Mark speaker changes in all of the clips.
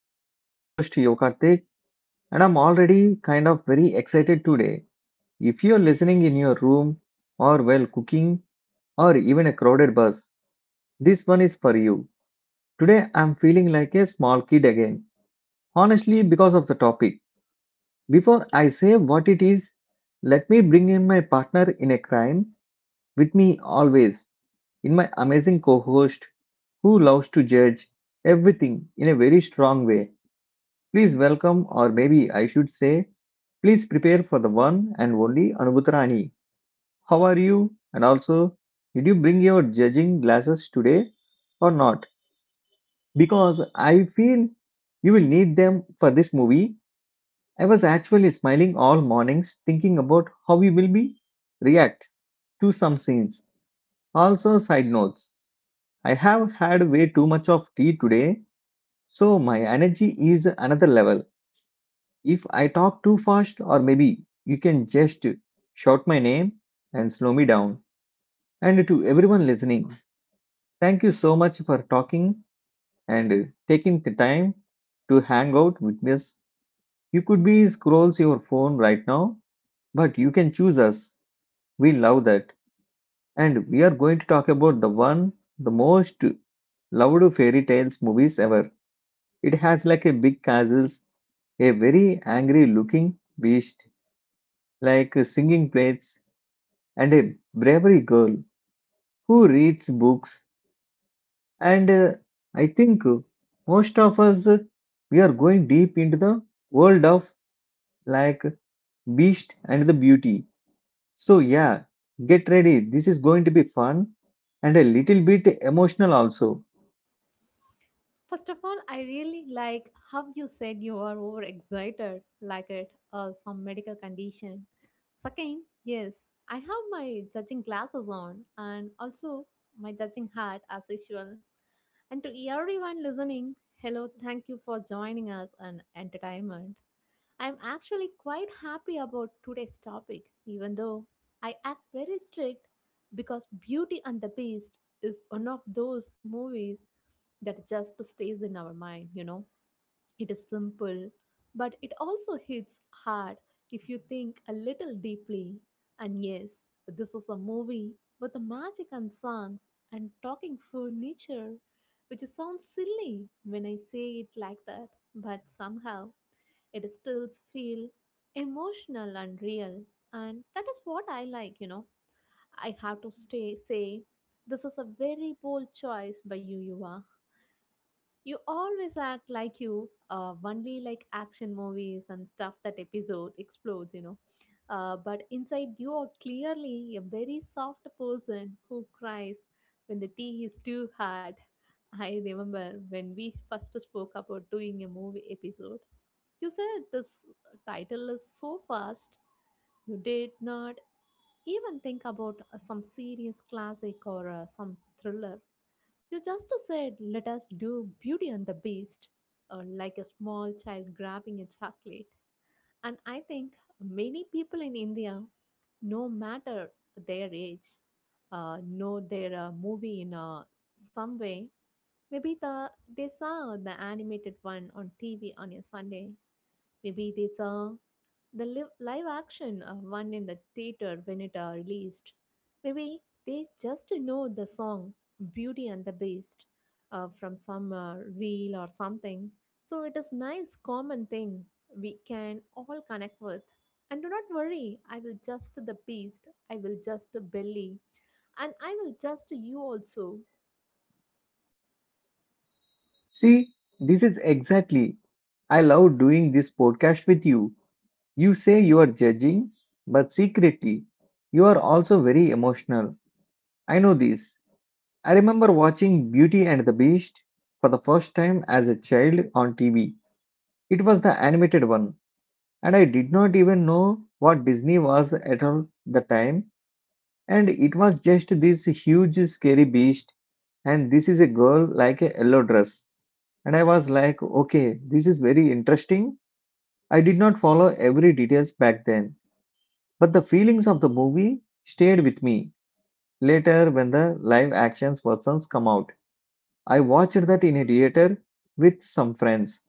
Speaker 1: I'm your host Yokartik, and I'm already kind of very excited today. If you're listening in your room or while cooking or even a crowded bus, this one is for you. Today I'm feeling like a small kid again. Honestly, because of the topic. Before I say what it is, let me bring in my partner in a crime with me always, in my amazing co-host who loves to judge everything in a very strong way. Please welcome, or maybe I should say, please prepare for the one and only Anubhutarani. How are you? And also, did you bring your judging glasses today or not? Because I feel you will need them for this movie. I was actually smiling all mornings thinking about how we will be react to some scenes. Also, side notes. I have had way too much of tea today, so my energy is another level. If I talk too fast, or maybe you can just shout my name and slow me down. And to everyone listening, thank you so much for talking and taking the time to hang out with us. You could be scrolls your phone right now, but you can choose us. We love that. And we are going to talk about the one, the most loved fairy tales movies ever. It has like a big castle, a very angry looking beast, like singing plates and a bravery girl who reads books. And I think most of us, we are going deep into the world of like Beast and the Beauty. So, yeah, get ready. This is going to be fun and a little bit emotional also.
Speaker 2: First of all, I really like how you said you are overexcited, like it or some medical condition. Second, yes, I have my judging glasses on and also my judging hat as usual. And to everyone listening, hello, thank you for joining us on entertainment. I'm actually quite happy about today's topic, even though I act very strict because Beauty and the Beast is one of those movies that just stays in our mind, you know. It is simple, but it also hits hard if you think a little deeply. And yes, this is a movie with the magic and songs and talking furniture, which sounds silly when I say it like that, but somehow it still feels emotional and real. And that is what I like, you know. I have to stay say this is a very bold choice by you, Yuva. You always act like you only like action movies and stuff that episode explodes, you know. But inside, you are clearly a very soft person who cries when the tea is too hard. I remember when we first spoke about doing a movie episode. You said this title is so fast, you did not even think about some serious classic or some thriller, you just said, let us do Beauty and the Beast, like a small child grabbing a chocolate. And I think many people in India, no matter their age, know their movie in some way. Maybe they saw the animated one on TV on a Sunday. Maybe they saw the live action one in the theater when it are released. Maybe they just know the song Beauty and the Beast from some reel or something. So it is nice common thing we can all connect with. And do not worry, I will just the beast, I will just the belly, and I will just you also.
Speaker 1: See, this is exactly I love doing this podcast with you. You say you are judging, but secretly, you are also very emotional. I know this. I remember watching Beauty and the Beast for the first time as a child on TV. It was the animated one, and I did not even know what Disney was at all the time. And it was just this huge, scary beast, and this is a girl like a yellow dress. And I was like, okay, this is very interesting. I did not follow every details back then, but the feelings of the movie stayed with me later when the live actions versions come out. I watched that in a theater with some friends,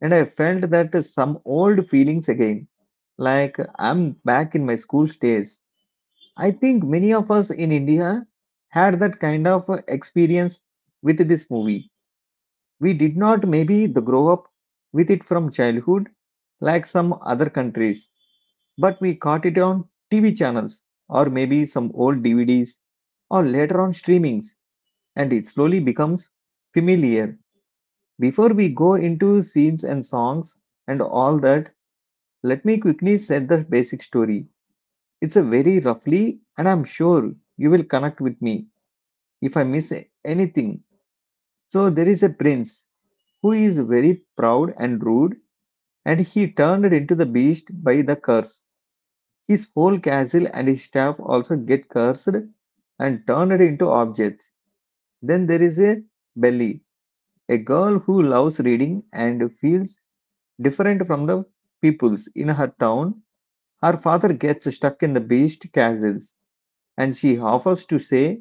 Speaker 1: and I felt that some old feelings again, like I'm back in my school days. I think many of us in India had that kind of experience with this movie. We did not maybe the grow up with it from childhood like some other countries, but we caught it on TV channels or maybe some old DVDs or later on streamings, and it slowly becomes familiar. Before we go into scenes and songs and all that, let me quickly set the basic story. It's a very roughly, and I'm sure you will connect with me if I miss anything. So, there is a prince who is very proud and rude, and he turned into the beast by the curse. His whole castle and his staff also get cursed and turned into objects. Then there is a Belly, a girl who loves reading and feels different from the peoples in her town. Her father gets stuck in the beast castles, and she offers to stay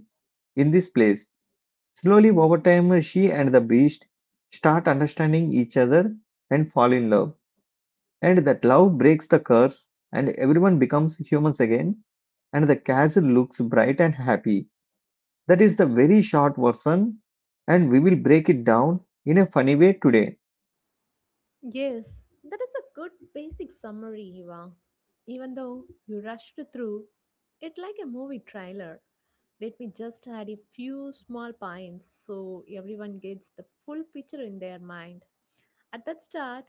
Speaker 1: in this place. Slowly over time, she and the beast start understanding each other and fall in love. And that love breaks the curse, and everyone becomes humans again. And the castle looks bright and happy. That is the very short version, and we will break it down in a funny way today.
Speaker 2: Yes, that is a good basic summary, Eva. Even though you rushed through it like a movie trailer, let me just add a few small points so everyone gets the full picture in their mind. At that start,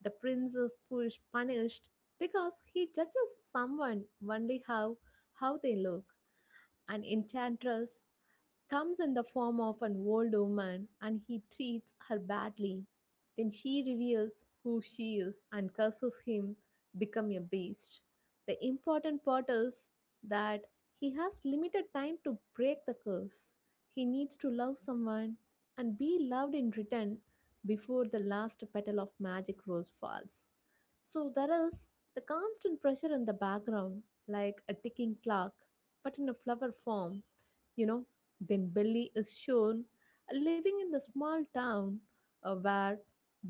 Speaker 2: the prince is pushed, punished because he judges someone only how they look. An enchantress comes in the form of an old woman and he treats her badly. Then she reveals who she is and curses him become a beast. The important part is that he has limited time to break the curse. He needs to love someone and be loved in return before the last petal of magic rose falls. So there is the constant pressure in the background, like a ticking clock, but in a flower form. You know, then Billy is shown living in the small town where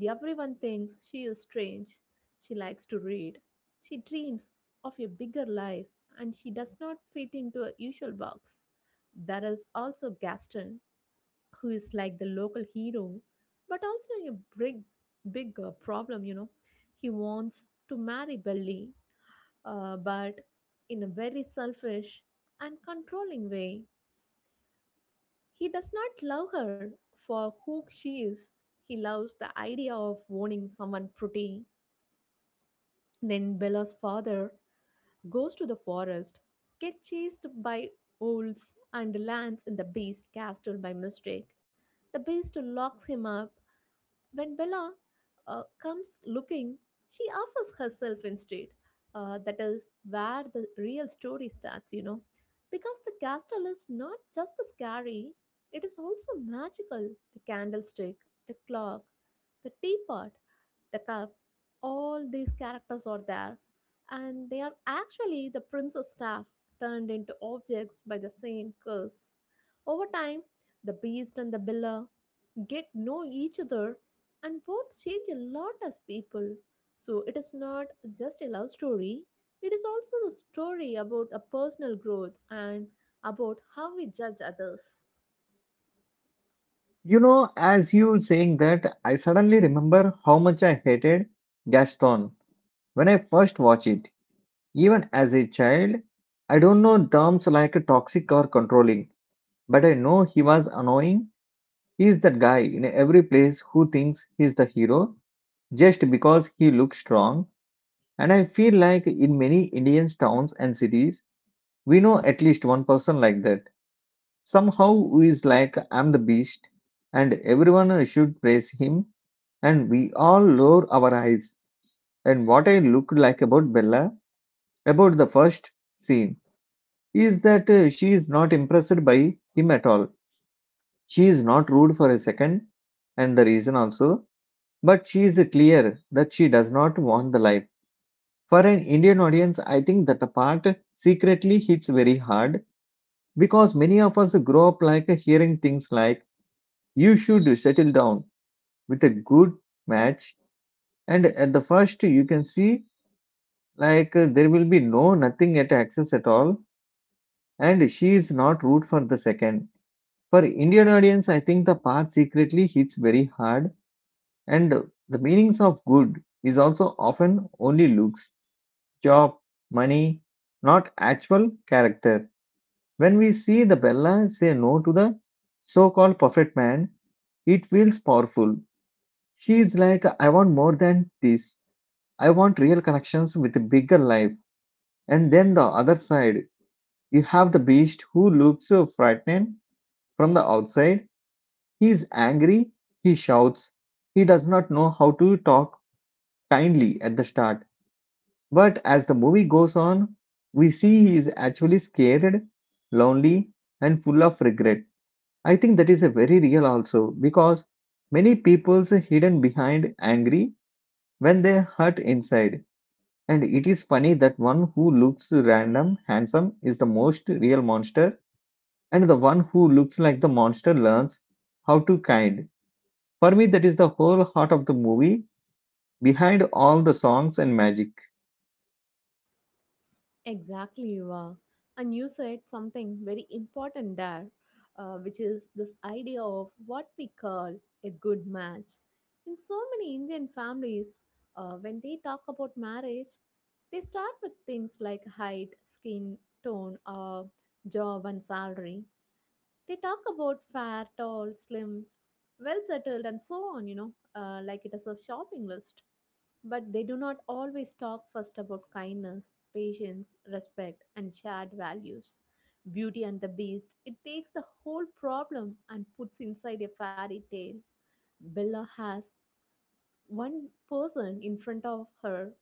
Speaker 2: everyone thinks she is strange. She likes to read. She dreams of a bigger life and she does not fit into a usual box. There is also Gaston, who is like the local hero, but also a big, big problem, you know. He wants to marry Billy, but in a very selfish and controlling way, he does not love her for who she is. He loves the idea of owning someone pretty. Then Bella's father goes to the forest, gets chased by wolves, and lands in the beast castle by mistake. The beast locks him up when Bella comes looking, she offers herself instead. That is where the real story starts, you know. Because the castle is not just scary, it is also magical. The candlestick, the clock, the teapot, the cup, all these characters are there. And they are actually the prince's staff turned into objects by the same curse. Over time, the beast and the biller get know each other and both change a lot as people, so it is not just a love story, it is also the story about a personal growth and about how we judge others.
Speaker 1: You know, as you saying that, I suddenly remember how much I hated Gaston when I first watched it. Even as a child, I don't know terms like toxic or controlling, but I know he was annoying. He is that guy in every place who thinks he's the hero just because he looks strong. And I feel like in many Indian towns and cities, we know at least one person like that. Somehow who is like, I'm the beast, and everyone should praise him. And we all lower our eyes. And what I looked like about Bella, about the first scene, is that she is not impressed by him at all. She is not rude for a second, and the reason also, but she is clear that she does not want the life. For an Indian audience, I think that the part secretly hits very hard because many of us grow up like hearing things like, you should settle down with a good match, and at the first, you can see like there will be no nothing at access at all, and she is not root for the second. For Indian audience, I think the part secretly hits very hard, and the meanings of good is also often only looks, job, money, not actual character. When we see the Bella say no to the so-called perfect man, it feels powerful. She is like, I want more than this. I want real connections with a bigger life. And then the other side, you have the beast who looks so frightened from the outside. He is angry, he shouts. He does not know how to talk kindly at the start. But as the movie goes on, we see he is actually scared, lonely, and full of regret. I think that is a very real also because many people's hidden behind angry when they hurt inside. And it is funny that one who looks random, handsome is the most real monster and the one who looks like the monster learns how to kind. For me, that is the whole heart of the movie behind all the songs and magic.
Speaker 2: Exactly, Yuva. And you said something very important there, which is this idea of what we call a good match. In so many Indian families, when they talk about marriage, they start with things like height, skin, tone, job, and salary. They talk about fair, tall, slim, well settled, and so on, you know, like it is a shopping list. But they do not always talk first about kindness, patience, respect, and shared values. Beauty and the Beast, it takes the whole problem and puts inside a fairy tale. Bella has one person in front of her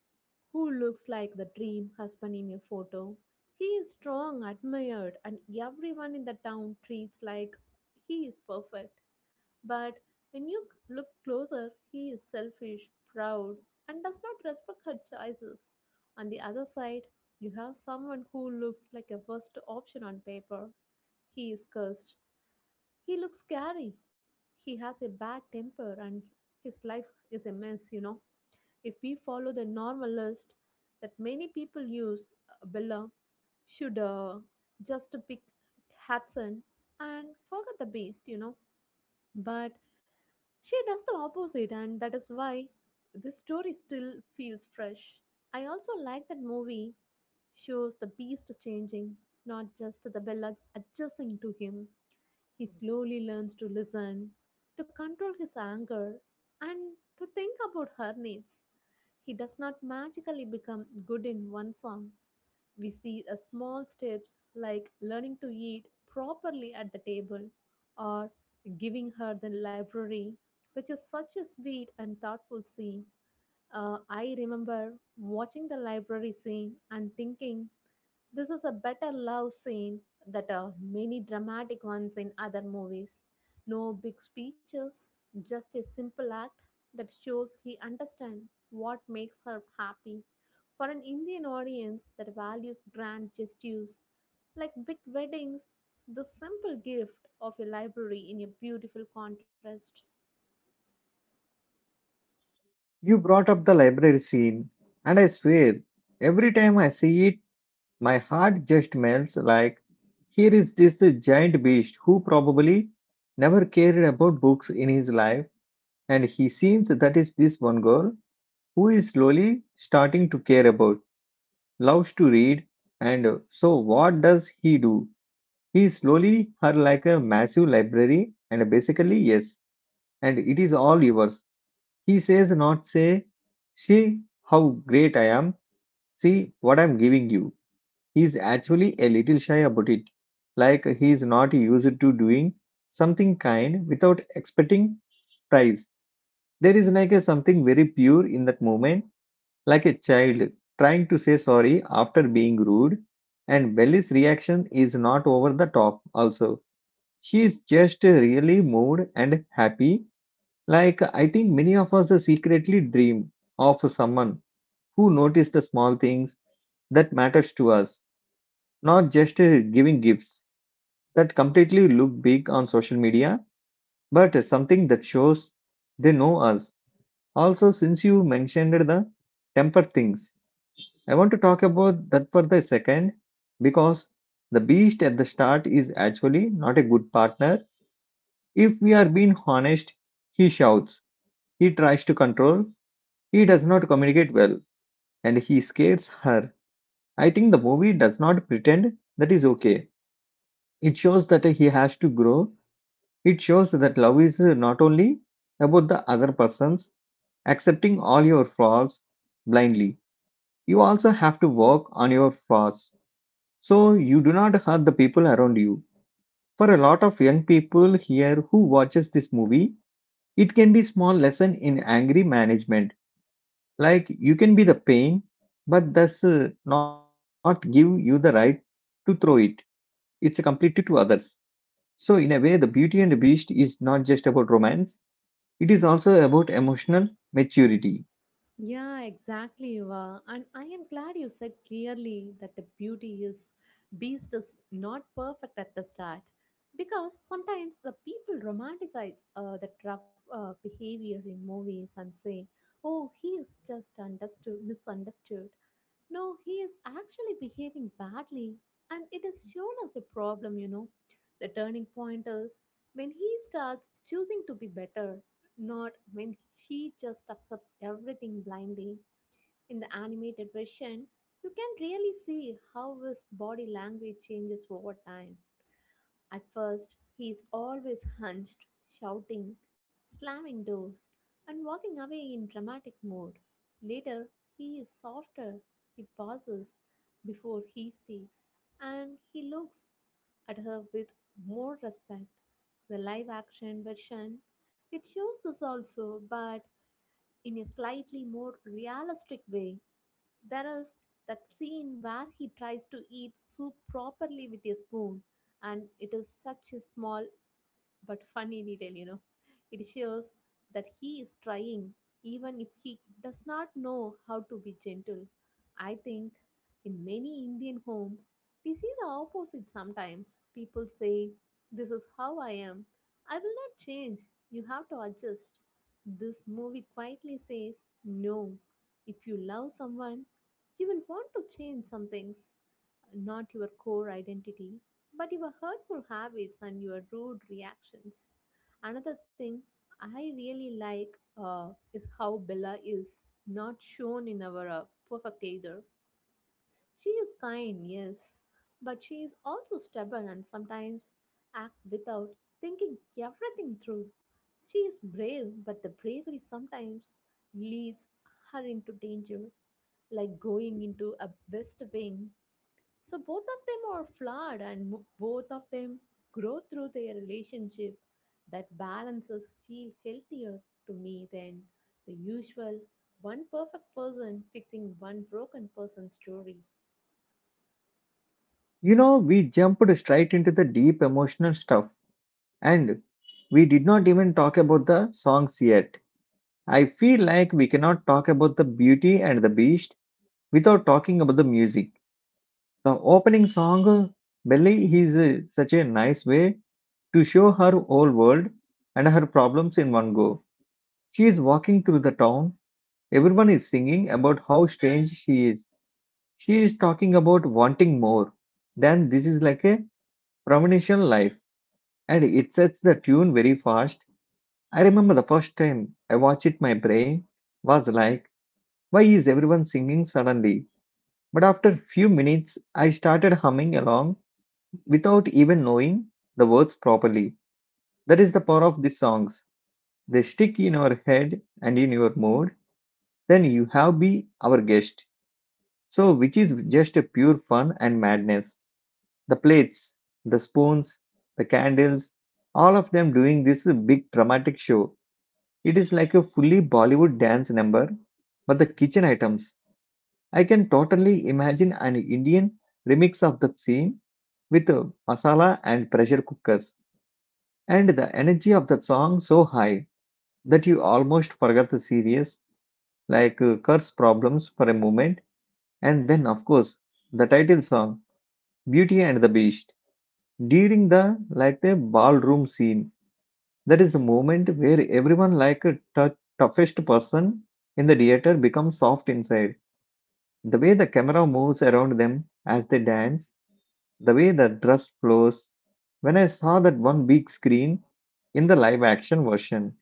Speaker 2: who looks like the dream husband in a photo. He is strong, admired, and everyone in the town treats like he is perfect. But when you look closer, he is selfish, proud, and does not respect her choices. On the other side, you have someone who looks like a worst option on paper. He is cursed. He looks scary. He has a bad temper and his life is a mess, you know. If we follow the normal list that many people use, Bella should just pick Hudson and forget the beast, you know. But she does the opposite, and that is why this story still feels fresh. I also like that movie shows the beast changing, not just the Bella adjusting to him. He slowly learns to listen, to control his anger, and to think about her needs. He does not magically become good in one song. We see a small steps like learning to eat properly at the table or giving her the library, which is such a sweet and thoughtful scene. I remember watching the library scene and thinking this is a better love scene than many dramatic ones in other movies. No big speeches, just a simple act that shows he understands what makes her happy. For an Indian audience that values grand gestures like big weddings, the simple gift of a library in a beautiful contrast.
Speaker 1: You brought up the library scene, and I swear, every time I see it, my heart just melts. Like, here is this giant beast who probably never cared about books in his life, and he seems that is this one girl who is slowly starting to care about, loves to read, and so what does he do? He slowly her like a massive library and basically yes, and it is all yours. He says not say, see how great I am, see what I'm giving you. He's actually a little shy about it, like he's not used to doing something kind without expecting price. There is like a something very pure in that moment, like a child trying to say sorry after being rude, and Belly's reaction is not over the top also. She's just really moved and happy. Like, I think many of us secretly dream of someone who notices the small things that matters to us, not just giving gifts that completely look big on social media, but something that shows they know us. Also, since you mentioned the temper things, I want to talk about that for the second because the beast at the start is actually not a good partner. If we are being honest, he shouts, he tries to control, he does not communicate well, and he scares her. I think the movie does not pretend that is okay. It shows that he has to grow. It shows that love is not only about the other person's accepting all your flaws blindly. You also have to work on your flaws so you do not hurt the people around you. For a lot of young people here who watches this movie, it can be small lesson in angry management. Like, you can be the pain, but that's not give you the right to throw it. It's completely to others. So in a way, the Beauty and the Beast is not just about romance. It is also about emotional maturity.
Speaker 2: Yeah, exactly, Eva. And I am glad you said clearly that the beauty is beast is not perfect at the start. Because sometimes the people romanticize the rough behavior in movies and say, oh, he is just misunderstood. No, he is actually behaving badly, and it is shown as a problem, you know. The turning point is when he starts choosing to be better, not when she just accepts everything blindly. In the animated version, you can really see how his body language changes over time. At first, he is always hunched, shouting, slamming doors, and walking away in dramatic mode. Later, he is softer, he pauses before he speaks, and he looks at her with more respect. The live action version, it shows this also, but in a slightly more realistic way. There is that scene where he tries to eat soup properly with a spoon, and it is such a small but fun in detail, you know. It shows that he is trying, even if he does not know how to be gentle. I think in many Indian homes, we see the opposite sometimes. People say, this is how I am. I will not change. You have to adjust. This movie quietly says, no. If you love someone, you will want to change some things, not your core identity, but your hurtful habits and your rude reactions. Another thing I really like uh, is how Bella is not shown in our perfect either. She is kind, yes, but she is also stubborn and sometimes act without thinking everything through. She is brave, but the bravery sometimes leads her into danger, like going into a west wing, so both of them are flawed and mo- both of them grow through their relationship. That balances feel healthier to me than the usual one perfect person fixing one broken person story.
Speaker 1: You know, we jumped straight into the deep emotional stuff, and we did not even talk about the songs yet. I feel like we cannot talk about the Beauty and the Beast without talking about the music. The opening song, Belly, is such a nice way to show her whole world and her problems in one go. She is walking through the town. Everyone is singing about how strange she is. She is talking about wanting more. Then this is like a premonition life, and it sets the tune very fast. I remember the first time I watched it, my brain was like, why is everyone singing suddenly? But after few minutes, I started humming along without even knowing the words properly. That is the power of these songs. They stick in our head and in your mood. Then you have be our guest. So, which is just a pure fun and madness. The plates, the spoons, the candles, all of them doing this big dramatic show. It is like a fully Bollywood dance number. But the kitchen items, I can totally imagine an Indian remix of that scene with masala and pressure cookers, and the energy of that song so high that you almost forget the serious Kurt's problems for a moment, and then of course the title song Beauty and the Beast during the ballroom scene. That is the moment where everyone like a tou- toughest person in the theater becomes soft inside. The way the camera moves around them as they dance, the way the dress flows. When I saw that one big screen in the live action version,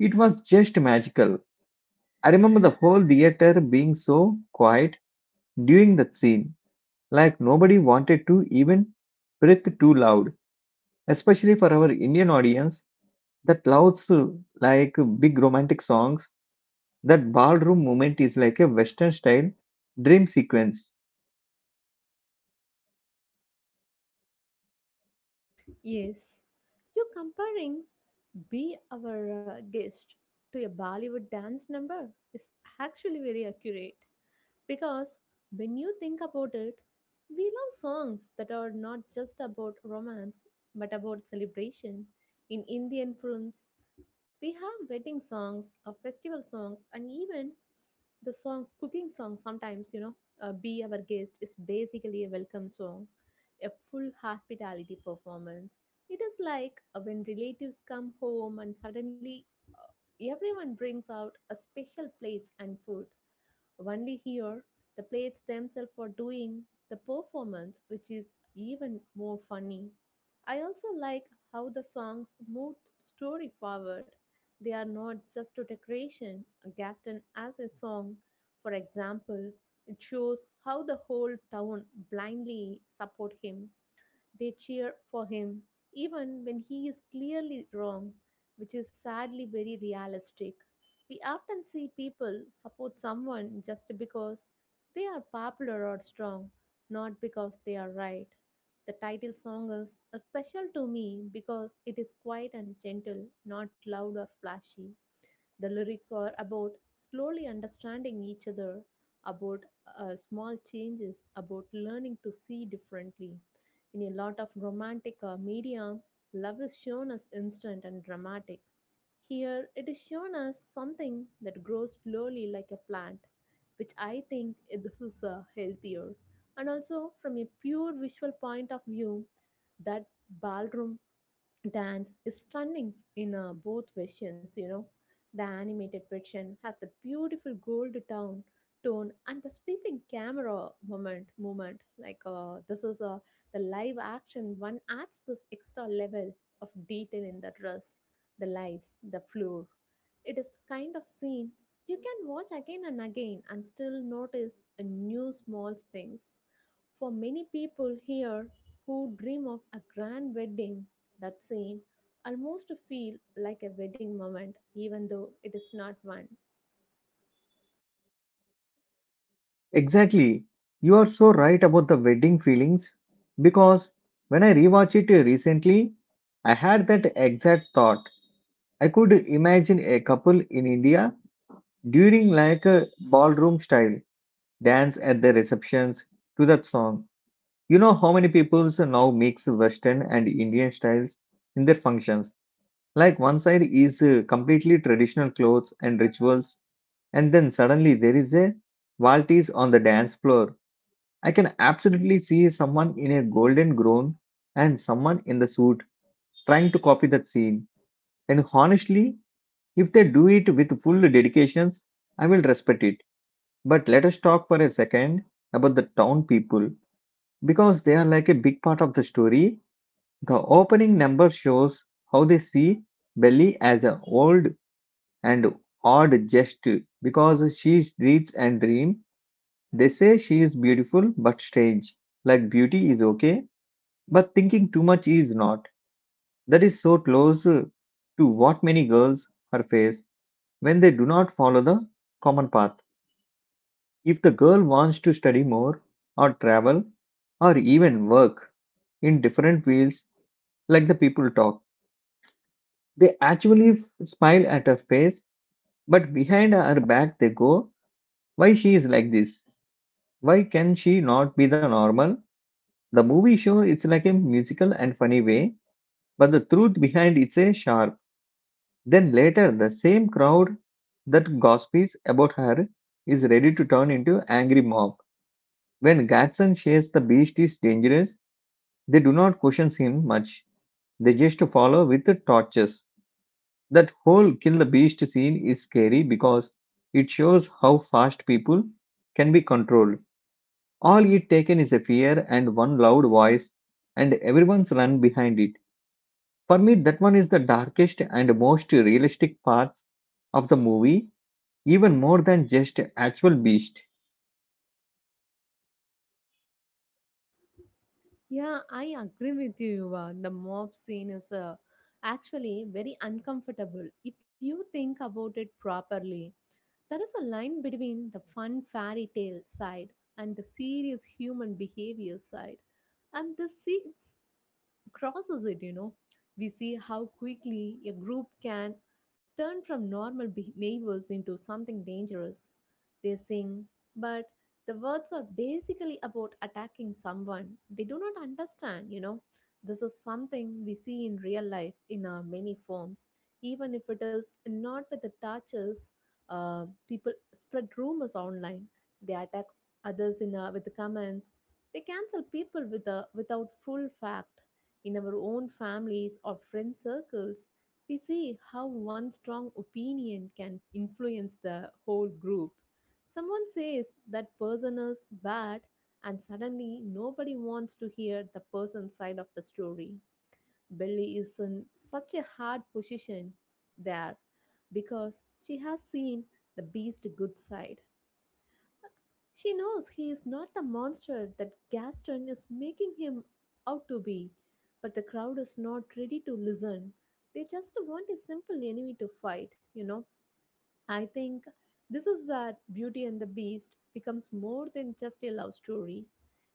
Speaker 1: it was just magical. I remember the whole theater being so quiet during that scene. Like nobody wanted to even breathe too loud, especially for our Indian audience that loves like big romantic songs. That ballroom moment is like a Western style dream sequence.
Speaker 2: Yes, you comparing Be Our Guest to a Bollywood dance number is actually very accurate. Because when you think about it, we love songs that are not just about romance but about celebration. In Indian films, we have wedding songs, festival songs, and even cooking songs sometimes, you know, Be Our Guest is basically a welcome song, a full hospitality performance. It is like when relatives come home and suddenly everyone brings out a special plates and food only here, the plates themselves are doing the performance, which is even more funny. I also like how the songs move the story forward. They are not just a decoration. Gaston as a song, for example, it shows how the whole town blindly support him, they cheer for him, even when he is clearly wrong, which is sadly very realistic. We often see people support someone just because they are popular or strong, not because they are right. The title song is special to me because it is quiet and gentle, not loud or flashy. The lyrics are about slowly understanding each other, about small changes, about learning to see differently. In a lot of romantic media, love is shown as instant and dramatic. Here, it is shown as something that grows slowly like a plant, which I think eh, this is healthier. And also, from a pure visual point of view, that ballroom dance is stunning in both versions. You know, the animated version has the beautiful gold tone and the sweeping camera moment movement like this is the live action one adds this extra level of detail in the dress, the lights, the floor. It is the kind of scene you can watch again and again and still notice a new small things for many people here who dream of a grand wedding, that scene almost feel like a wedding moment, even though it is not one.
Speaker 1: Exactly. You are so right about the wedding feelings because when I rewatched it recently, I had that exact thought. I could imagine a couple in India during like a ballroom style dance at the receptions to that song. You know how many people now mix Western and Indian styles in their functions? Like one side is completely traditional clothes and rituals, and then suddenly there is a Valtis on the dance floor. I can absolutely see someone in a golden gown and someone in the suit trying to copy that scene. And honestly, if they do it with full dedications, I will respect it. But let us talk for a second about the town people because they are like a big part of the story. The opening number shows how they see Belly as an old and odd jest because she reads and dreams. They say she is beautiful but strange, like beauty is okay, but thinking too much is not. That is so close to what many girls are face when they do not follow the common path. If the girl wants to study more, or travel, or even work in different fields, like the people talk. They actually smile at her face, but behind her back they go, why she is like this? Why can she not be the normal? The movie show it's like a musical and funny way, but the truth behind it's a sharp. Then later the same crowd that gossips about her is ready to turn into angry mob. When Gadsden says the beast is dangerous, they do not question him much. They just follow with the torches. That whole kill the beast scene is scary because it shows how fast people can be controlled. All it taken is a fear and one loud voice, and everyone's run behind it. For me, that one is the darkest and most realistic parts of the movie, even more than just actual beast.
Speaker 2: Yeah, I agree with you. The mob scene is actually very uncomfortable if you think about it properly. There is a line between the fun fairy tale side and the serious human behavior side, and this seems crosses it, you know. We see how quickly a group can turn from neighbors into something dangerous. They sing, but the words are basically about attacking someone. They do not understand, you know. This is something we see in real life in many forms, even if it is not with the touches. People spread rumors online. They attack others in with the comments. They cancel people with without full fact. In our own families or friend circles, we see how one strong opinion can influence the whole group. Someone says that person is bad, and suddenly nobody wants to hear the person's side of the story. Billy is in such a hard position there because she has seen the beast's good side. She knows he is not the monster that Gaston is making him out to be, but the crowd is not ready to listen. They just want a simple enemy to fight, you know. I think this is where Beauty and the Beast becomes more than just a love story.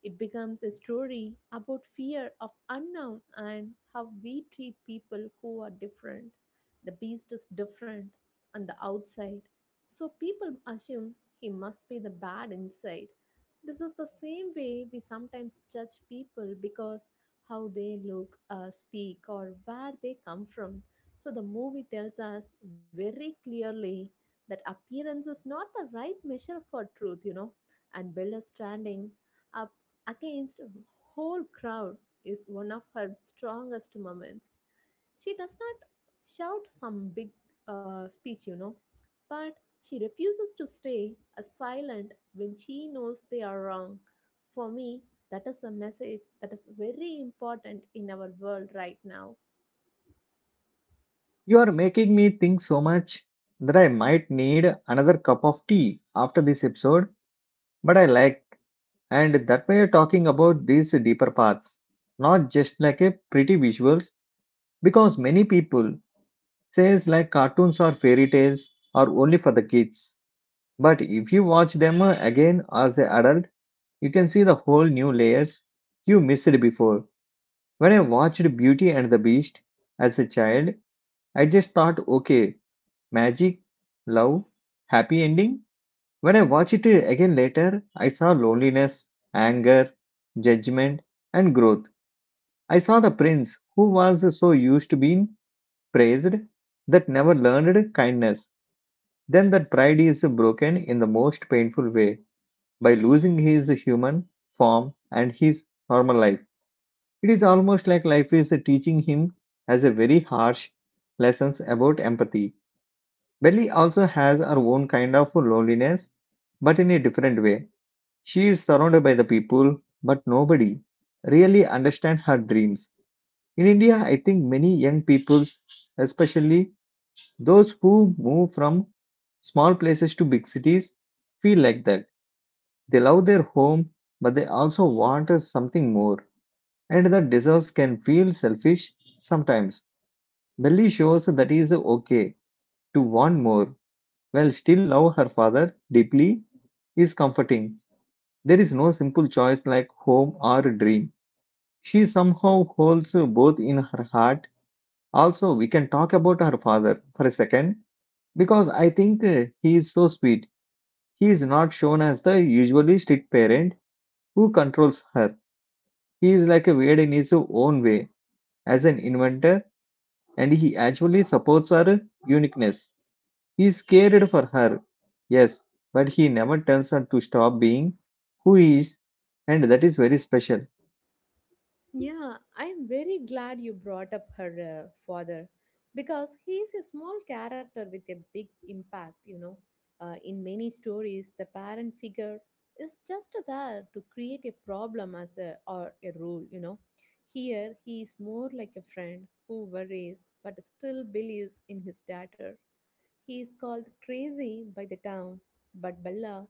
Speaker 2: It becomes a story about fear of unknown and how we treat people who are different. The beast is different on the outside, so people assume he must be the bad inside. This is the same way we sometimes judge people because how they look, speak, or where they come from. So the movie tells us very clearly that appearance is not the right measure for truth, you know. And Bella standing up against a whole crowd is one of her strongest moments. She does not shout some big speech, you know, but she refuses to stay as silent when she knows they are wrong. For me, that is a message that is very important in our world right now.
Speaker 1: You are making me think so much that I might need another cup of tea after this episode, but I like. And that way, you're talking about these deeper paths, not just like a pretty visuals, because many people says like cartoons or fairy tales are only for the kids. But if you watch them again as an adult, you can see the whole new layers you missed before. When I watched Beauty and the Beast as a child, I just thought, okay, magic, love, happy ending. When I watched it again later, I saw loneliness, anger, judgment, and growth. I saw the prince who was so used to being praised that never learned kindness. Then that pride is broken in the most painful way by losing his human form and his normal life. It is almost like life is teaching him as a very harsh lessons about empathy. Belly also has her own kind of loneliness, but in a different way. She is surrounded by the people, but nobody really understands her dreams. In India, I think many young people, especially those who move from small places to big cities, feel like that. They love their home, but they also want us something more. And that deserves can feel selfish sometimes. Belly shows that is okay to want more, while still love her father deeply is comforting. There is no simple choice like home or dream. She somehow holds both in her heart. Also, we can talk about her father for a second because I think he is so sweet. He is not shown as the usually strict parent who controls her. He is like a weird in his own way as an inventor and he actually supports her uniqueness. He is cared for her. Yes, but he never tells her to stop being who he is and that is very special.
Speaker 2: Yeah, I'm very glad you brought up her father because he is a small character with a big impact, you know. In many stories, the parent figure is just there to create a problem as a or a rule, you know. Here, he is more like a friend who worries but still believes in his daughter. He is called crazy by the town, but Bella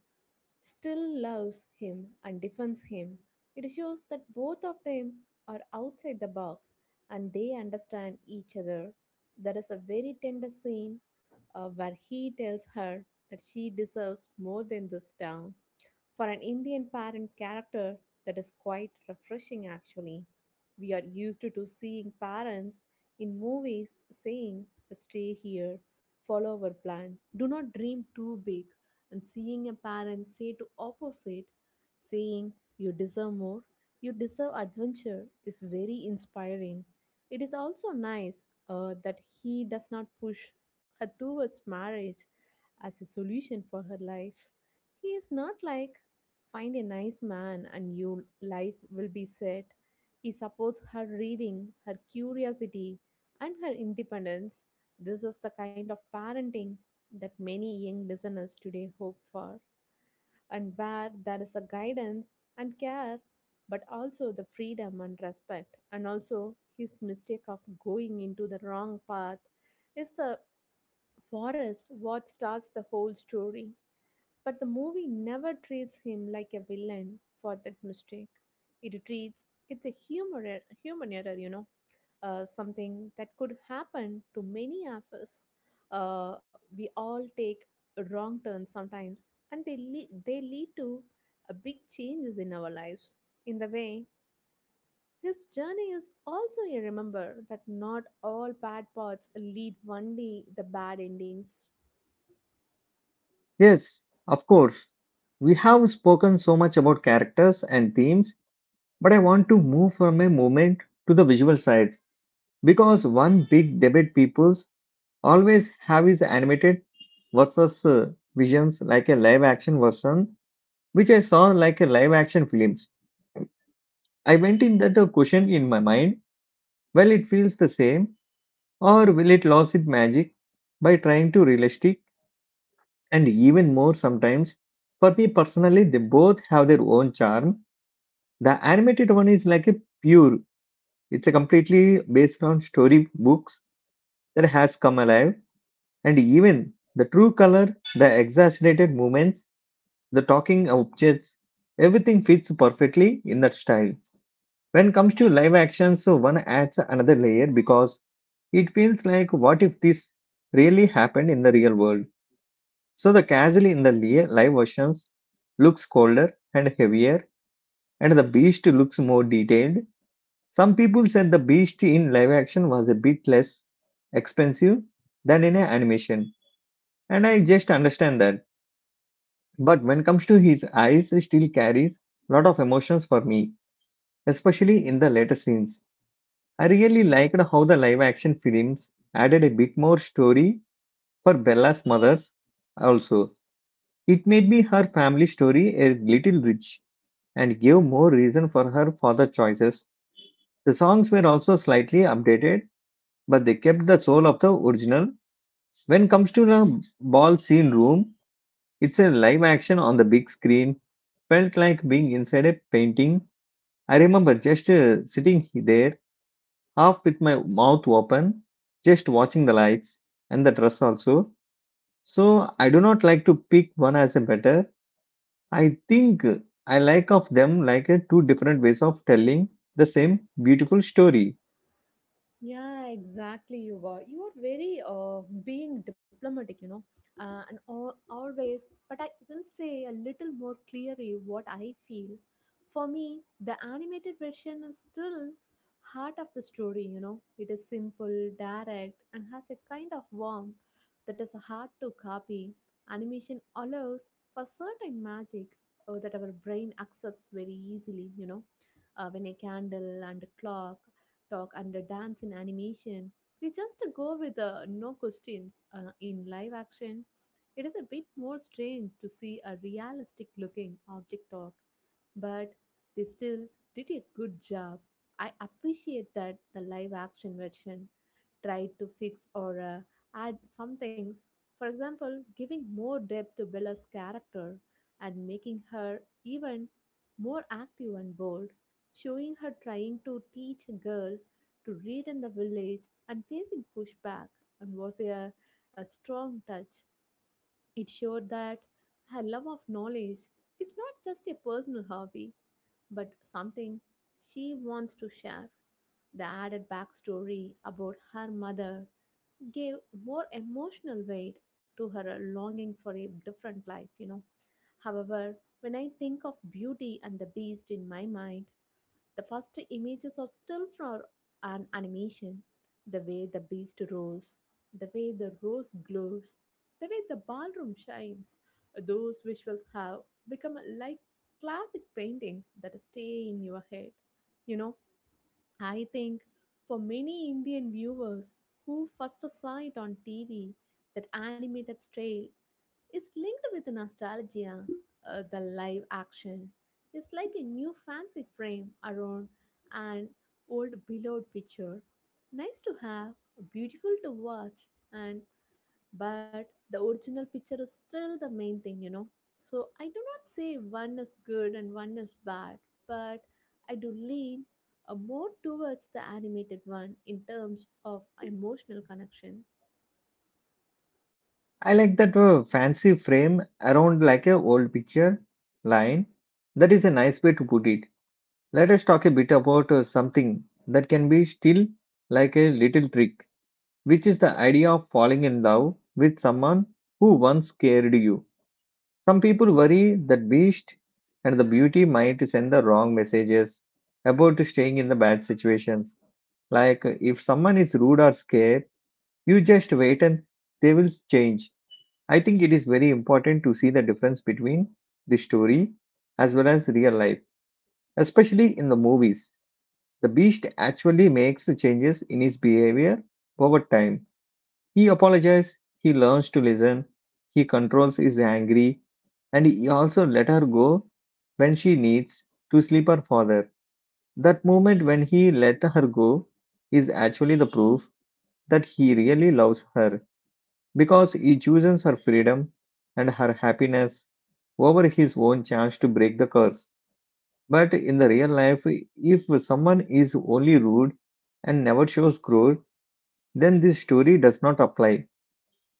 Speaker 2: still loves him and defends him. It shows that both of them are outside the box and they understand each other. There is a very tender scene where he tells her that she deserves more than this town for an Indian parent character, that is quite refreshing actually. We are used to seeing parents in movies saying, "Stay here, follow our plan, do not dream too big," and seeing a parent say to opposite, saying, "You deserve more, you deserve adventure," is very inspiring. It is also nice that he does not push her towards marriage as a solution for her life. He is not like "Find a nice man and your life will be set." He supports her reading, her curiosity, and her independence. This is the kind of parenting that many young listeners today hope for, and where there is a guidance and care, but also the freedom and respect, and also his mistake of going into the wrong path is the forest what starts the whole story. But the movie never treats him like a villain for that mistake. It treats it's a human error, you know, something that could happen to many of us. We all take wrong turns sometimes, and they lead to big changes in our lives. In the way, his journey is also a remember that not all bad parts lead only the bad endings.
Speaker 1: Yes, of course. We have spoken so much about characters and themes. But I want to move from a moment to the visual side because one big debate people's always have is animated versus visions like a live action version, which I saw like a live action films. I went in that question in my mind, well, it feels the same, or will it lose its magic by trying to realistic and even more sometimes? For me personally, they both have their own charm. The animated one is like a pure. It's a completely based on story books that has come alive, and even the true color, the exaggerated movements, the talking objects, everything fits perfectly in that style. When it comes to live action, so one adds another layer because it feels like what if this really happened in the real world? So the casually in the live versions looks colder and heavier, and the beast looks more detailed. Some people said the beast in live action was a bit less expensive than in a animation, and I just understand that. But when it comes to his eyes, he still carries a lot of emotions for me, especially in the later scenes. I really liked how the live action films added a bit more story for Bella's mothers also. It made me her family story a little rich and gave more reason for her father choices. The songs were also slightly updated but they kept the soul of the original. When comes to the ball scene room, it's a live action on the big screen. Felt like being inside a painting. I remember just sitting there, half with my mouth open, just watching the lights and the dress also. So I do not like to pick one as a better. I think I like of them like a two different ways of telling the same beautiful story.
Speaker 2: Yeah, exactly. You are very being diplomatic, you know, always. But I will say a little more clearly what I feel. For me, the animated version is still heart of the story. You know, it is simple, direct, and has a kind of warmth that is hard to copy. Animation allows for certain magic that our brain accepts very easily. You know, when a candle and a clock talk under dance in animation. We just go with no questions in live action. It is a bit more strange to see a realistic looking object talk, but they still did a good job. I appreciate that the live action version tried to fix or add some things. For example, giving more depth to Bella's character and making her even more active and bold, showing her trying to teach a girl to read in the village and facing pushback and a strong touch. It showed that her love of knowledge is not just a personal hobby, but something she wants to share. The added backstory about her mother gave more emotional weight to her longing for a different life, you know. However, when I think of Beauty and the Beast in my mind, the first images are still from an animation. The way the beast roars, the way the rose glows, the way the ballroom shines. Those visuals have become like classic paintings that stay in your head. You know, I think for many Indian viewers who first saw it on TV, that animated style it's linked with nostalgia, the live action. It's like a new fancy frame around an old beloved picture. Nice to have, beautiful to watch, and but the original picture is still the main thing, you know. So I do not say one is good and one is bad, but I do lean more towards the animated one in terms of emotional connection.
Speaker 1: I like that fancy frame around like a old picture line. That is a nice way to put it. Let us talk a bit about something that can be still like a little trick, which is the idea of falling in love with someone who once scared you. Some people worry that beast and the beauty might send the wrong messages about staying in the bad situations. Like if someone is rude or scared, you just wait and they will change. I think it is very important to see the difference between the story as well as real life, especially in the movies. The Beast actually makes the changes in his behavior over time. He apologizes, he learns to listen, he controls his anger, and he also let her go when she needs to sleep her father. That moment when he let her go is actually the proof that he really loves her because he chooses her freedom and her happiness over his own chance to break the curse. But in the real life, if someone is only rude and never shows growth, then this story does not apply.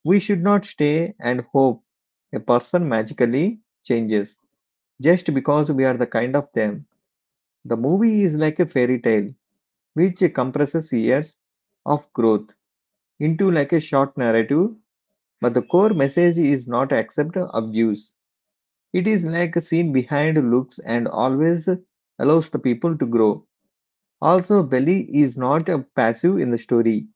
Speaker 1: We should not stay and hope a person magically changes just because we are the kind of them. The movie is like a fairy tale which compresses years of growth into like a short narrative, but the core message is not accept abuse. It is like a scene behind looks and always allows the people to grow. Also, Belly is not a passive in the story.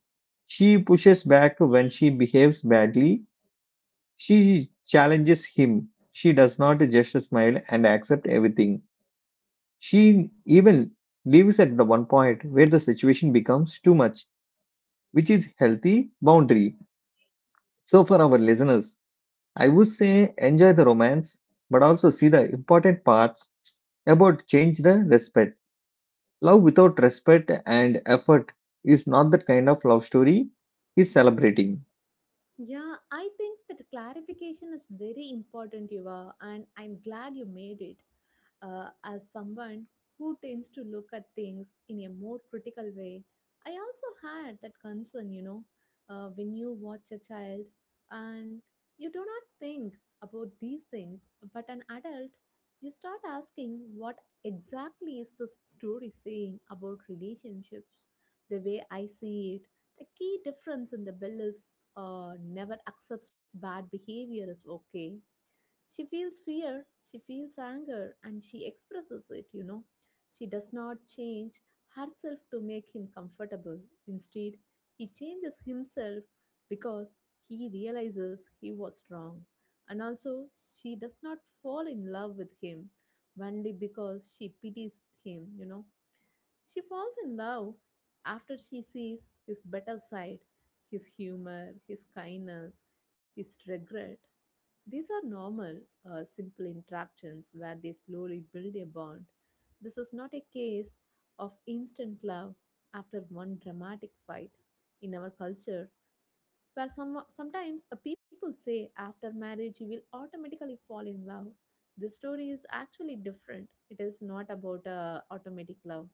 Speaker 1: She pushes back when she behaves badly. She challenges him. She does not just smile and accept everything. She even leaves at the one point where the situation becomes too much, which is healthy boundary. So for our listeners, I would say enjoy the romance, but also see the important parts about change the respect. Love without respect and effort is not the kind of love story he's celebrating.
Speaker 2: Yeah, I think that clarification is very important, Yuva, and I'm glad you made it. As someone who tends to look at things in a more critical way, I also had that concern, you know, when you watch a child and you do not think about these things, but an adult, you start asking what exactly is this story saying about relationships, the way I see it the key difference in the bill is never accepts bad behavior is okay. She feels fear, she feels anger, and she expresses it, you know. She does not change herself to make him comfortable. Instead, he changes himself because he realizes he was wrong. And also, she does not fall in love with him only because she pities him, you know. She falls in love after she sees his better side, his humor, his kindness, his regret. These are normal, simple interactions where they slowly build a bond. This is not a case of instant love after one dramatic fight. In our culture, where sometimes people say after marriage you will automatically fall in love. The story is actually different. It is not about automatic love.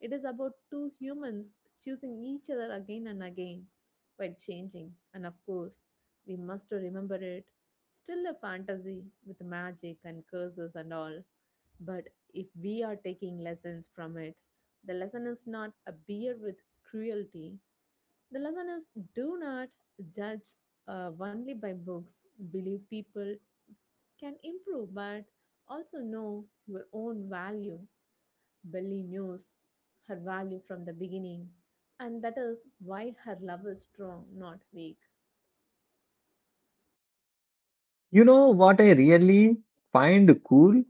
Speaker 2: It is about two humans choosing each other again and again while changing. And of course, we must remember it. Still a fantasy with magic and curses and all. But if we are taking lessons from it, the lesson is not a beer with cruelty, the lesson is do not judge only by books. Believe people can improve, but also know your own value. Belly knows her value from the beginning, and that is why her love is strong, not weak.
Speaker 1: You know what I really find cool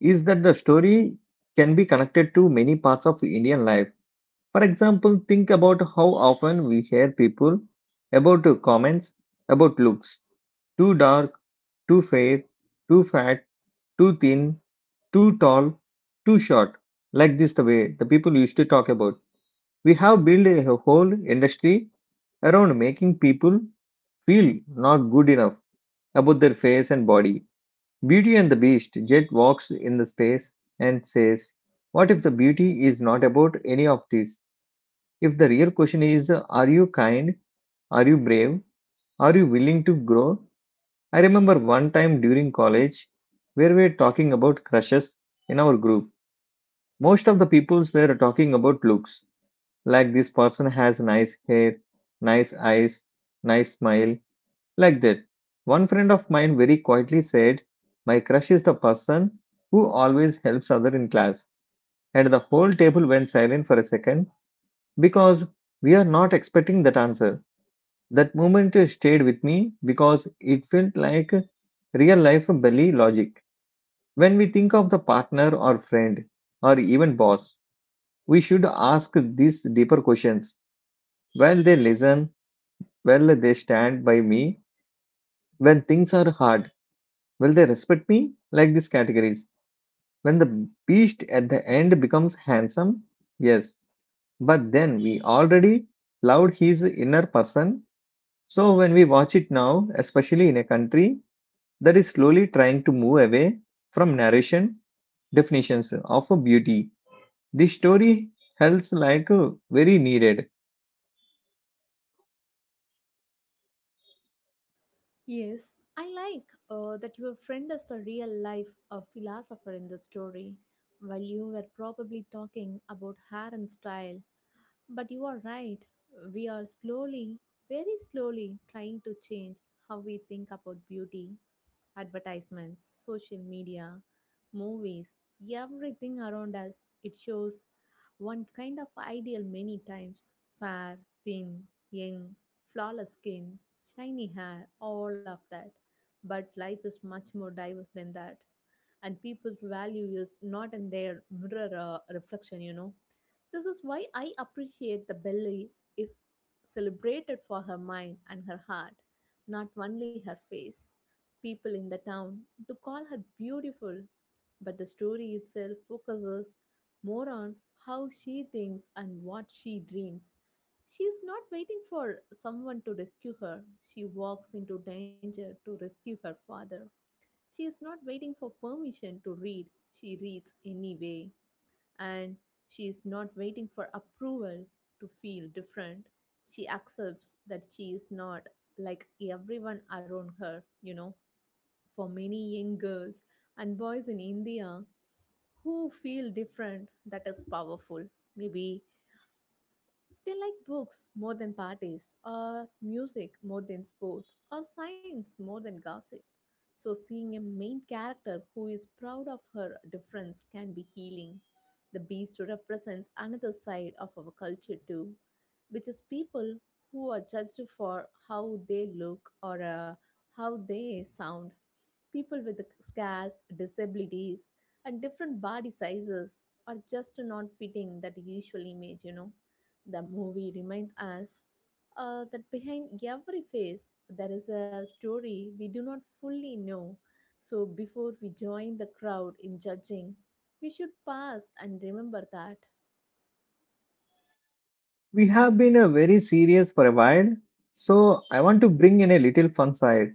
Speaker 1: is that the story can be connected to many parts of Indian life. For example, think about how often we hear people about comments about looks too dark, too fair, too fat, too thin, too tall, too short. Like this, the way the people used to talk about. We have built a whole industry around making people feel not good enough about their face and body. Beauty and the Beast Jet walks in the space and says, what if the beauty is not about any of this? If the real question is, are you kind? Are you brave? Are you willing to grow? I remember one time during college where we were talking about crushes in our group. Most of the peoples were talking about looks, like this person has nice hair, nice eyes, nice smile. Like that, one friend of mine very quietly said, my crush is the person who always helps other in class. And the whole table went silent for a second because we are not expecting that answer. That moment stayed with me because it felt like real life belly logic. When we think of the partner or friend or even boss, we should ask these deeper questions. While they listen, while they stand by me when things are hard, will they respect me? Like these categories. When the beast at the end becomes handsome, yes, but then we already loved his inner person. So when we watch it now, especially in a country that is slowly trying to move away from narration definitions of beauty, this story helps like very needed.
Speaker 2: Yes, I like that your friend is the real life philosopher in the story, while you were probably talking about hair and style. But you are right. We are slowly, very slowly, trying to change how we think about beauty, advertisements, social media, movies, everything around us. It shows one kind of ideal many times fair, thin, young, flawless skin, shiny hair, all of that. But life is much more diverse than that, and people's value is not in their mirror reflection. This is why I appreciate the Belly is celebrated for her mind and her heart, not only her face. People in the town do call her beautiful, but the story itself focuses more on how she thinks and what she dreams. She is not waiting for someone to rescue her. She walks into danger to rescue her father. She is not waiting for permission to read, she reads anyway. And she is not waiting for approval to feel different. She accepts that she is not like everyone around her. For many young girls and boys in India who feel different, that is powerful. Maybe they like books more than parties, or music more than sports, or science more than gossip. So, seeing a main character who is proud of her difference can be healing. The beast represents another side of our culture, too, which is people who are judged for how they look or how they sound. People with scars, disabilities, and different body sizes are just not fitting that usual image. The movie reminds us that behind every face there is a story we do not fully know. So before we join the crowd in judging, we should pause and remember that.
Speaker 1: We have been very serious for a while, so I want to bring in a little fun side.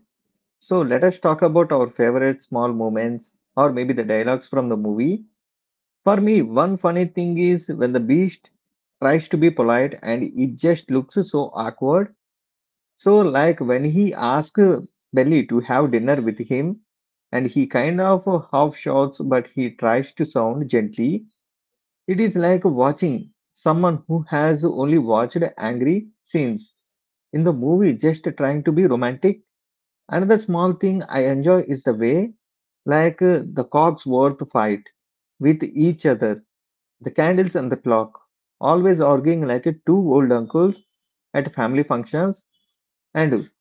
Speaker 1: So let us talk about our favorite small moments or maybe the dialogues from the movie. For me, one funny thing is when the beast tries to be polite and it just looks so awkward. So, like when he asks Belly to have dinner with him and he kind of half shouts but he tries to sound gently. It is like watching someone who has only watched angry scenes in the movie just trying to be romantic. Another small thing I enjoy is the way like the cogs worth fight with each other, the candles and the clock, always arguing like two old uncles at family functions. And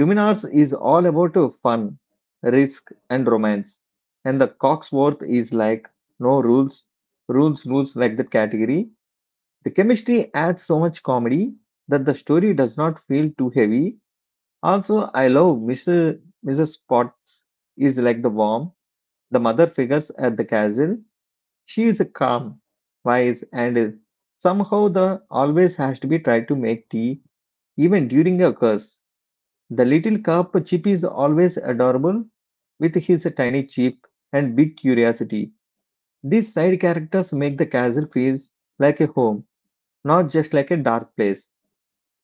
Speaker 1: Luminars is all about fun, risk, and romance. And the Cogsworth is like no rules, rules, rules, like that category. The chemistry adds so much comedy that the story does not feel too heavy. Also, I love Mr. Mrs. Potts is like the warm, the mother figures at the castle. She is calm, wise, and somehow the always has to be tried to make tea, even during a curse. The little cup chip is always adorable with his tiny chip and big curiosity. These side characters make the castle feels like a home, not just like a dark place.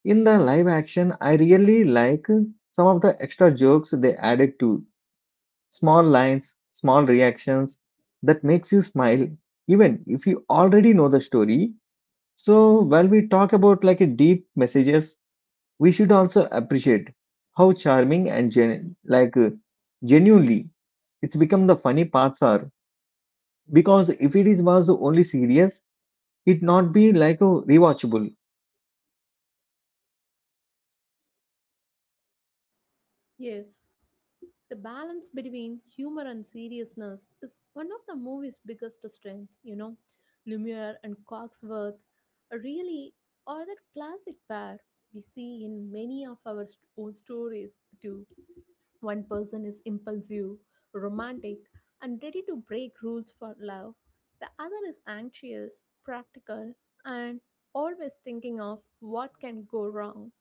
Speaker 1: In the live action, I really like some of the extra jokes they added to small lines, small reactions that makes you smile even if you already know the story. So while we talk about like a deep messages, we should also appreciate how charming and genuinely it's become. The funny parts are because if it is was only serious it not be like a rewatchable.
Speaker 2: Yes. The balance between humor and seriousness is one of the movie's biggest strengths. Lumiere and Cogsworth really are that classic pair we see in many of our own stories too. One person is impulsive, romantic, and ready to break rules for love. The other is anxious, practical, and always thinking of what can go wrong.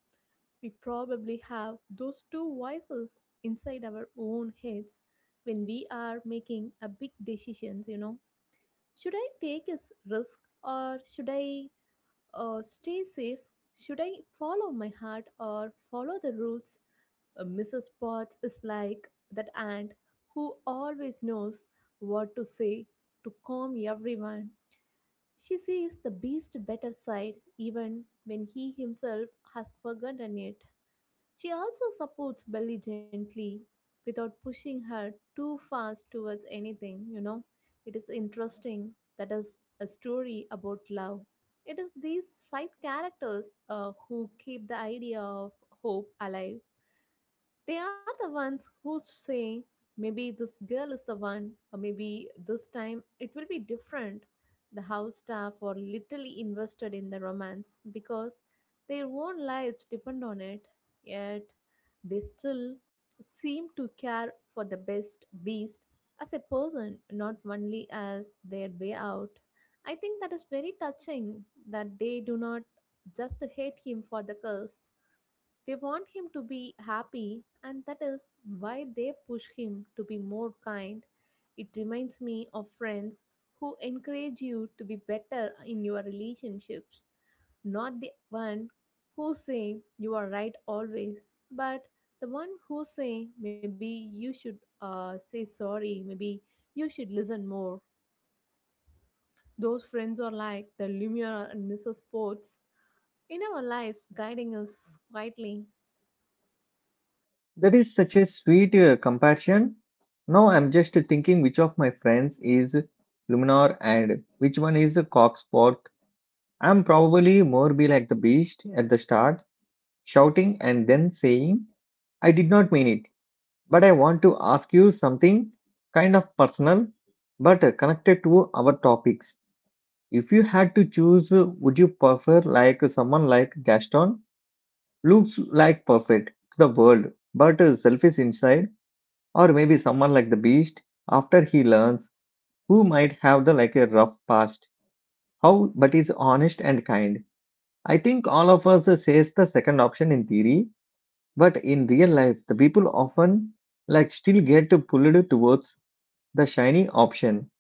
Speaker 2: We probably have those two voices inside our own heads when we are making a big decisions. Should I take this risk, or should I stay safe? Should I follow my heart or follow the rules? Mrs. Potts is like that aunt who always knows what to say to calm everyone. She sees the beast better side even when he himself has forgotten it. She also supports Belly gently without pushing her too fast towards anything. It is interesting that is a story about love. It is these side characters who keep the idea of hope alive. They are the ones who say, maybe this girl is the one, or maybe this time it will be different. The house staff are literally invested in the romance because their own lives depend on it, yet they still seem to care for the best beast as a person, not only as their way out. I think that is very touching that they do not just hate him for the curse. They want him to be happy, and that is why they push him to be more kind. It reminds me of friends who encourage you to be better in your relationships, not the one who say you are right always, but the one who say maybe you should say sorry, maybe you should listen more. Those friends are like the Lumiere and Mrs. Potts in our lives, guiding us quietly.
Speaker 1: That is such a sweet compassion. Now I'm just thinking which of my friends is luminar and which one is a coxpot. I'm probably more be like the beast at the start, shouting and then saying, I did not mean it. But I want to ask you something kind of personal but connected to our topics. If you had to choose, would you prefer like someone like Gaston? Looks like perfect to the world, but selfish inside, or maybe someone like the beast after he learns, who might have the like a rough past, how but is honest and kind. I think all of us says the second option in theory, but in real life, the people often like still get pulled towards the shiny option.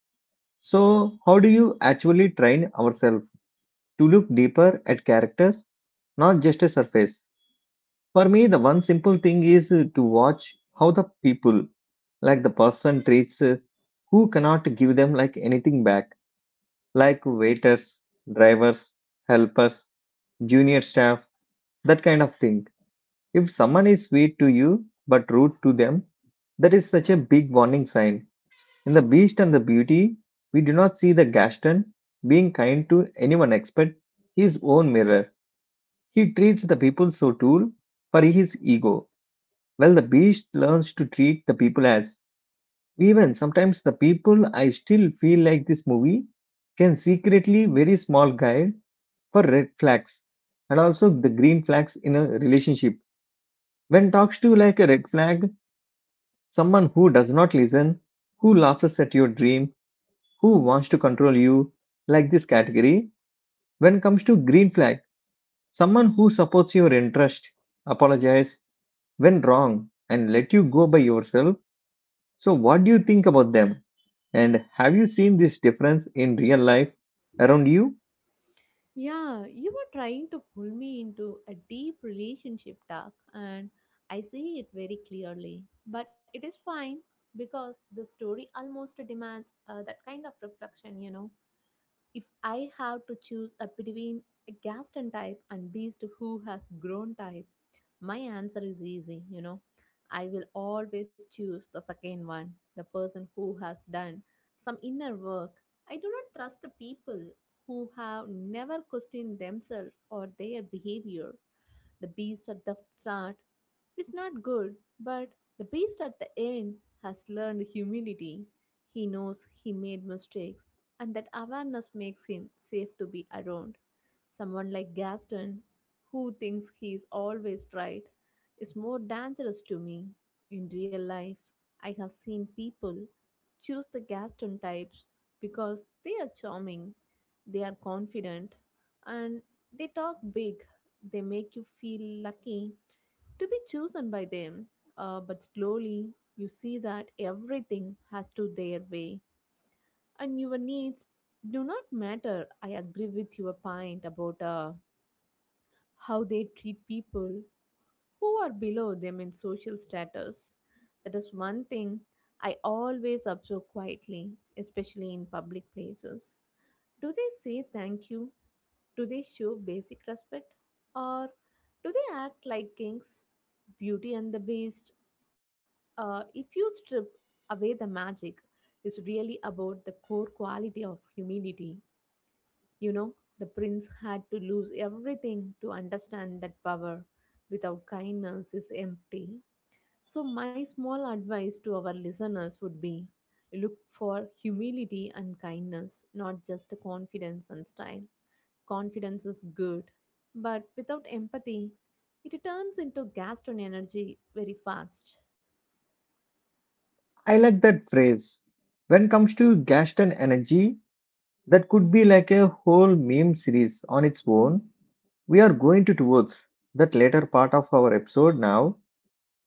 Speaker 1: So, how do you actually train ourselves to look deeper at characters, not just a surface? For me, the one simple thing is to watch how the people, like the person treats who cannot give them like anything back, like waiters, drivers, helpers, junior staff, that kind of thing. If someone is sweet to you but rude to them, that is such a big warning sign. In The Beast and the Beauty, we do not see the Gaston being kind to anyone except his own mirror. He treats the people so too for his ego. Well, the Beast learns to treat the people as. Even sometimes the people I still feel like this movie can secretly very small guide for red flags and also the green flags in a relationship. When talks to like a red flag, someone who does not listen, who laughs at your dream, who wants to control you, like this category. When comes to green flag, someone who supports your interest, apologize when wrong, and let you go by yourself. So, what do you think about them? And have you seen this difference in real life around you?
Speaker 2: Yeah, you were trying to pull me into a deep relationship talk, and I see it very clearly. But it is fine because the story almost demands that kind of reflection. If I have to choose a between a Gaston type and Beast who has grown type, my answer is easy. I will always choose the second one, the person who has done some inner work. I do not trust the people who have never questioned themselves or their behavior. The beast at the start is not good, but the beast at the end has learned humility. He knows he made mistakes, and that awareness makes him safe to be around. Someone like Gaston, who thinks he is always right, is more dangerous to me. In real life, I have seen people choose the Gaston types because they are charming, they are confident, and they talk big. They make you feel lucky to be chosen by them. But slowly, you see that everything has to their way, and your needs do not matter. I agree with your point about how they treat people who are below them in social status. That is one thing I always observe quietly, especially in public places. Do they say thank you? Do they show basic respect? Or do they act like kings? Beauty and the Beast. If you strip away the magic, it's really about the core quality of humility. You know, the prince had to lose everything to understand that power without kindness is empty. So, my small advice to our listeners would be look for humility and kindness, not just confidence and style. Confidence is good, but without empathy, it turns into Gaston energy very fast.
Speaker 1: I like that phrase. When comes to Gaston energy, that could be like a whole meme series on its own. We are going to towards that later part of our episode now,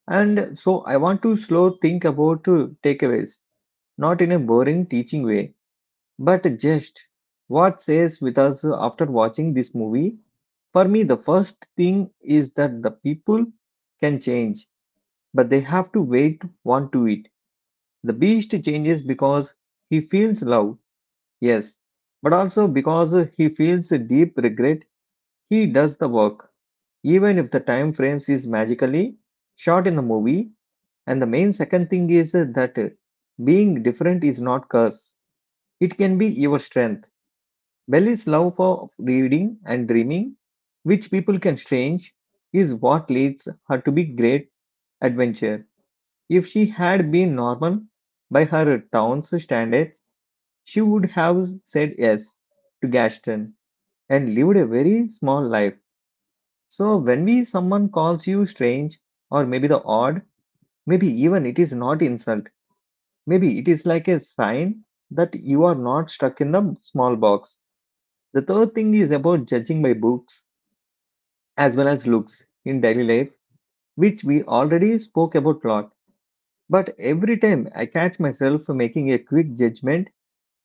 Speaker 1: and so I want to slow think about takeaways, not in a boring teaching way but just what says with us after watching this movie. For me the first thing is that the people can change but they have to wait want to it. The beast changes because he feels love, yes, but also because he feels a deep regret. He does the work even if the time frames is magically short in the movie. And the main second thing is that being different is not curse, it can be your strength. Belly's love for reading and dreaming, which people can strange, is what leads her to be great adventure. If she had been normal by her town's standards, she would have said yes to gaston and lived a very small life. So when we someone calls you strange or maybe the odd, maybe even it is not insult. Maybe it is like a sign that you are not stuck in the small box. The third thing is about judging by books as well as looks in daily life, which we already spoke about a lot. But every time I catch myself making a quick judgment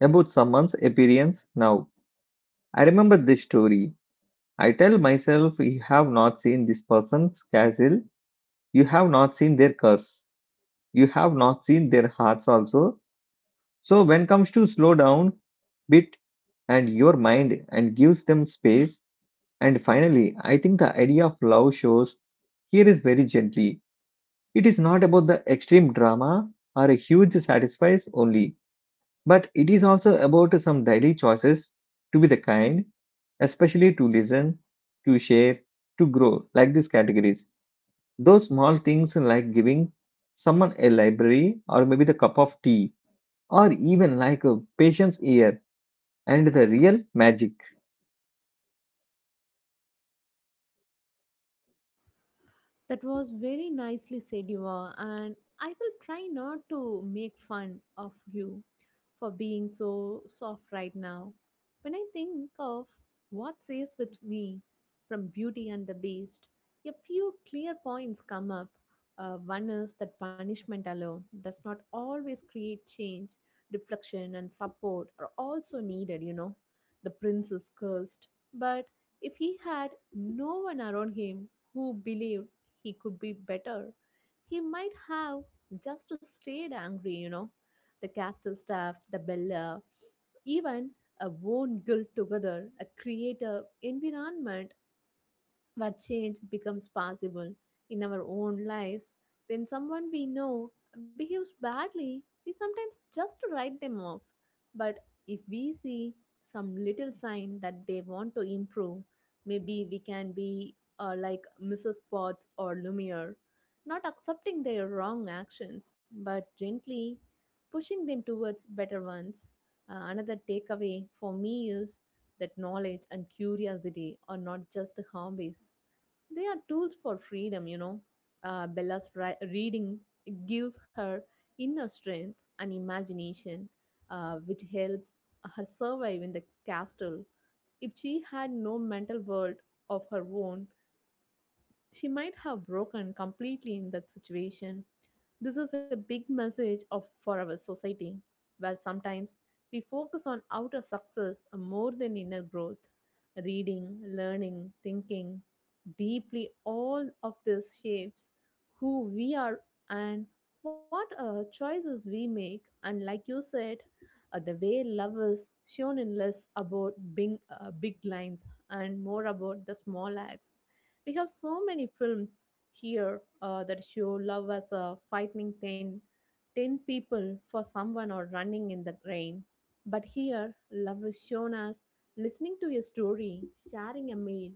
Speaker 1: about someone's appearance now. I remember this story. I tell myself you have not seen this person's castle, you have not seen their curse, you have not seen their hearts also. So when comes to slow down bit and your mind and gives them space. And finally, I think the idea of love shows here is very gently. It is not about the extreme drama or a huge sacrifice only, but it is also about some daily choices to be the kind, especially to listen, to share, to grow, like these categories. Those small things like giving someone a library or maybe the cup of tea or even like a patient's ear and the real magic.
Speaker 2: That was very nicely said, you, and I will try not to make fun of you for being so soft right now. When I think of what stays with me from Beauty and the Beast, a few clear points come up. One is that punishment alone does not always create change. Reflection and support are also needed. The prince is cursed, but if he had no one around him who believed, he could be better. He might have just stayed angry. The castle staff, the Bella, even a worn guild together, a create a environment what change becomes possible in our own lives. When someone we know behaves badly, we sometimes just write them off. But if we see some little sign that they want to improve, maybe we can be like Mrs. Potts or Lumiere, not accepting their wrong actions, but gently pushing them towards better ones. Another takeaway for me is that knowledge and curiosity are not just hobbies, they are tools for freedom. Bella's reading gives her inner strength and imagination, which helps her survive in the castle. If she had no mental world of her own, she might have broken completely in that situation. This is a big message of for our society, where sometimes we focus on outer success more than inner growth. Reading, learning, thinking deeply, all of this shapes who we are and what choices we make. And like you said, the way love is shown in less about big big lines and more about the small acts. We have so many films here that show love as a fighting 10, 10 people for someone or running in the rain. But here, love is shown as listening to a story, sharing a meal,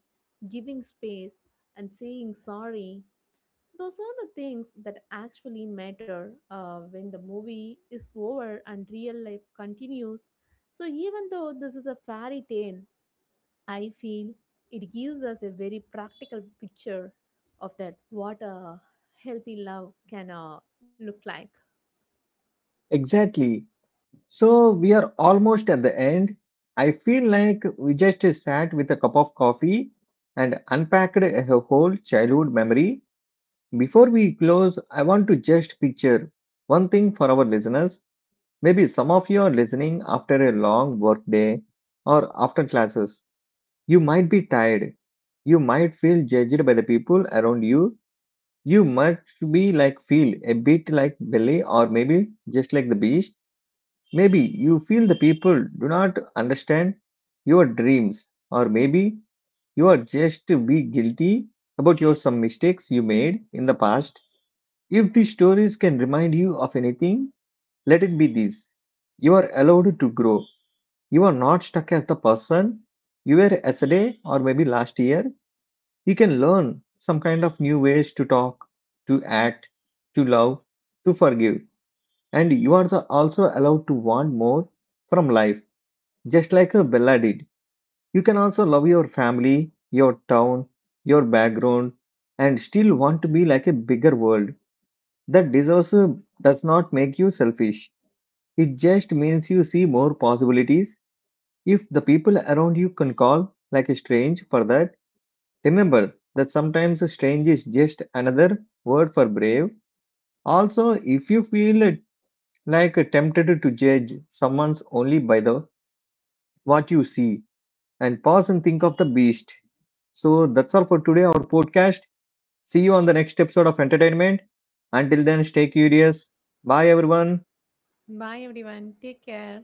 Speaker 2: giving space, and saying sorry. Those are the things that actually matter when the movie is over and real life continues. So, even though this is a fairy tale, I feel it gives us a very practical picture of that what a healthy love can look like.
Speaker 1: Exactly. So we are almost at the end. I feel like we just sat with a cup of coffee and unpacked a whole childhood memory. Before we close, I want to just picture one thing for our listeners. Maybe some of you are listening after a long work day or after classes. You might be tired. You might feel judged by the people around you. You must be like feel a bit like Billy or maybe just like the beast. Maybe you feel the people do not understand your dreams or maybe you are just to be guilty about your some mistakes you made in the past. If these stories can remind you of anything, let it be this. You are allowed to grow. You are not stuck as the person you were yesterday or maybe last year. You can learn some kind of new ways to talk, to act, to love, to forgive. And you are also allowed to want more from life, just like a Bella did. You can also love your family, your town, your background, and still want to be like a bigger world. That deserves a- does not make you selfish. It just means you see more possibilities. If the people around you can call like a strange for that, remember that sometimes strange is just another word for brave. Also, if you feel like tempted to judge someone's only by the what you see and pause and think of the beast. So that's all for today our podcast. See you on the next episode of entertainment. Until then stay curious. Bye everyone.
Speaker 2: Bye everyone. Take care.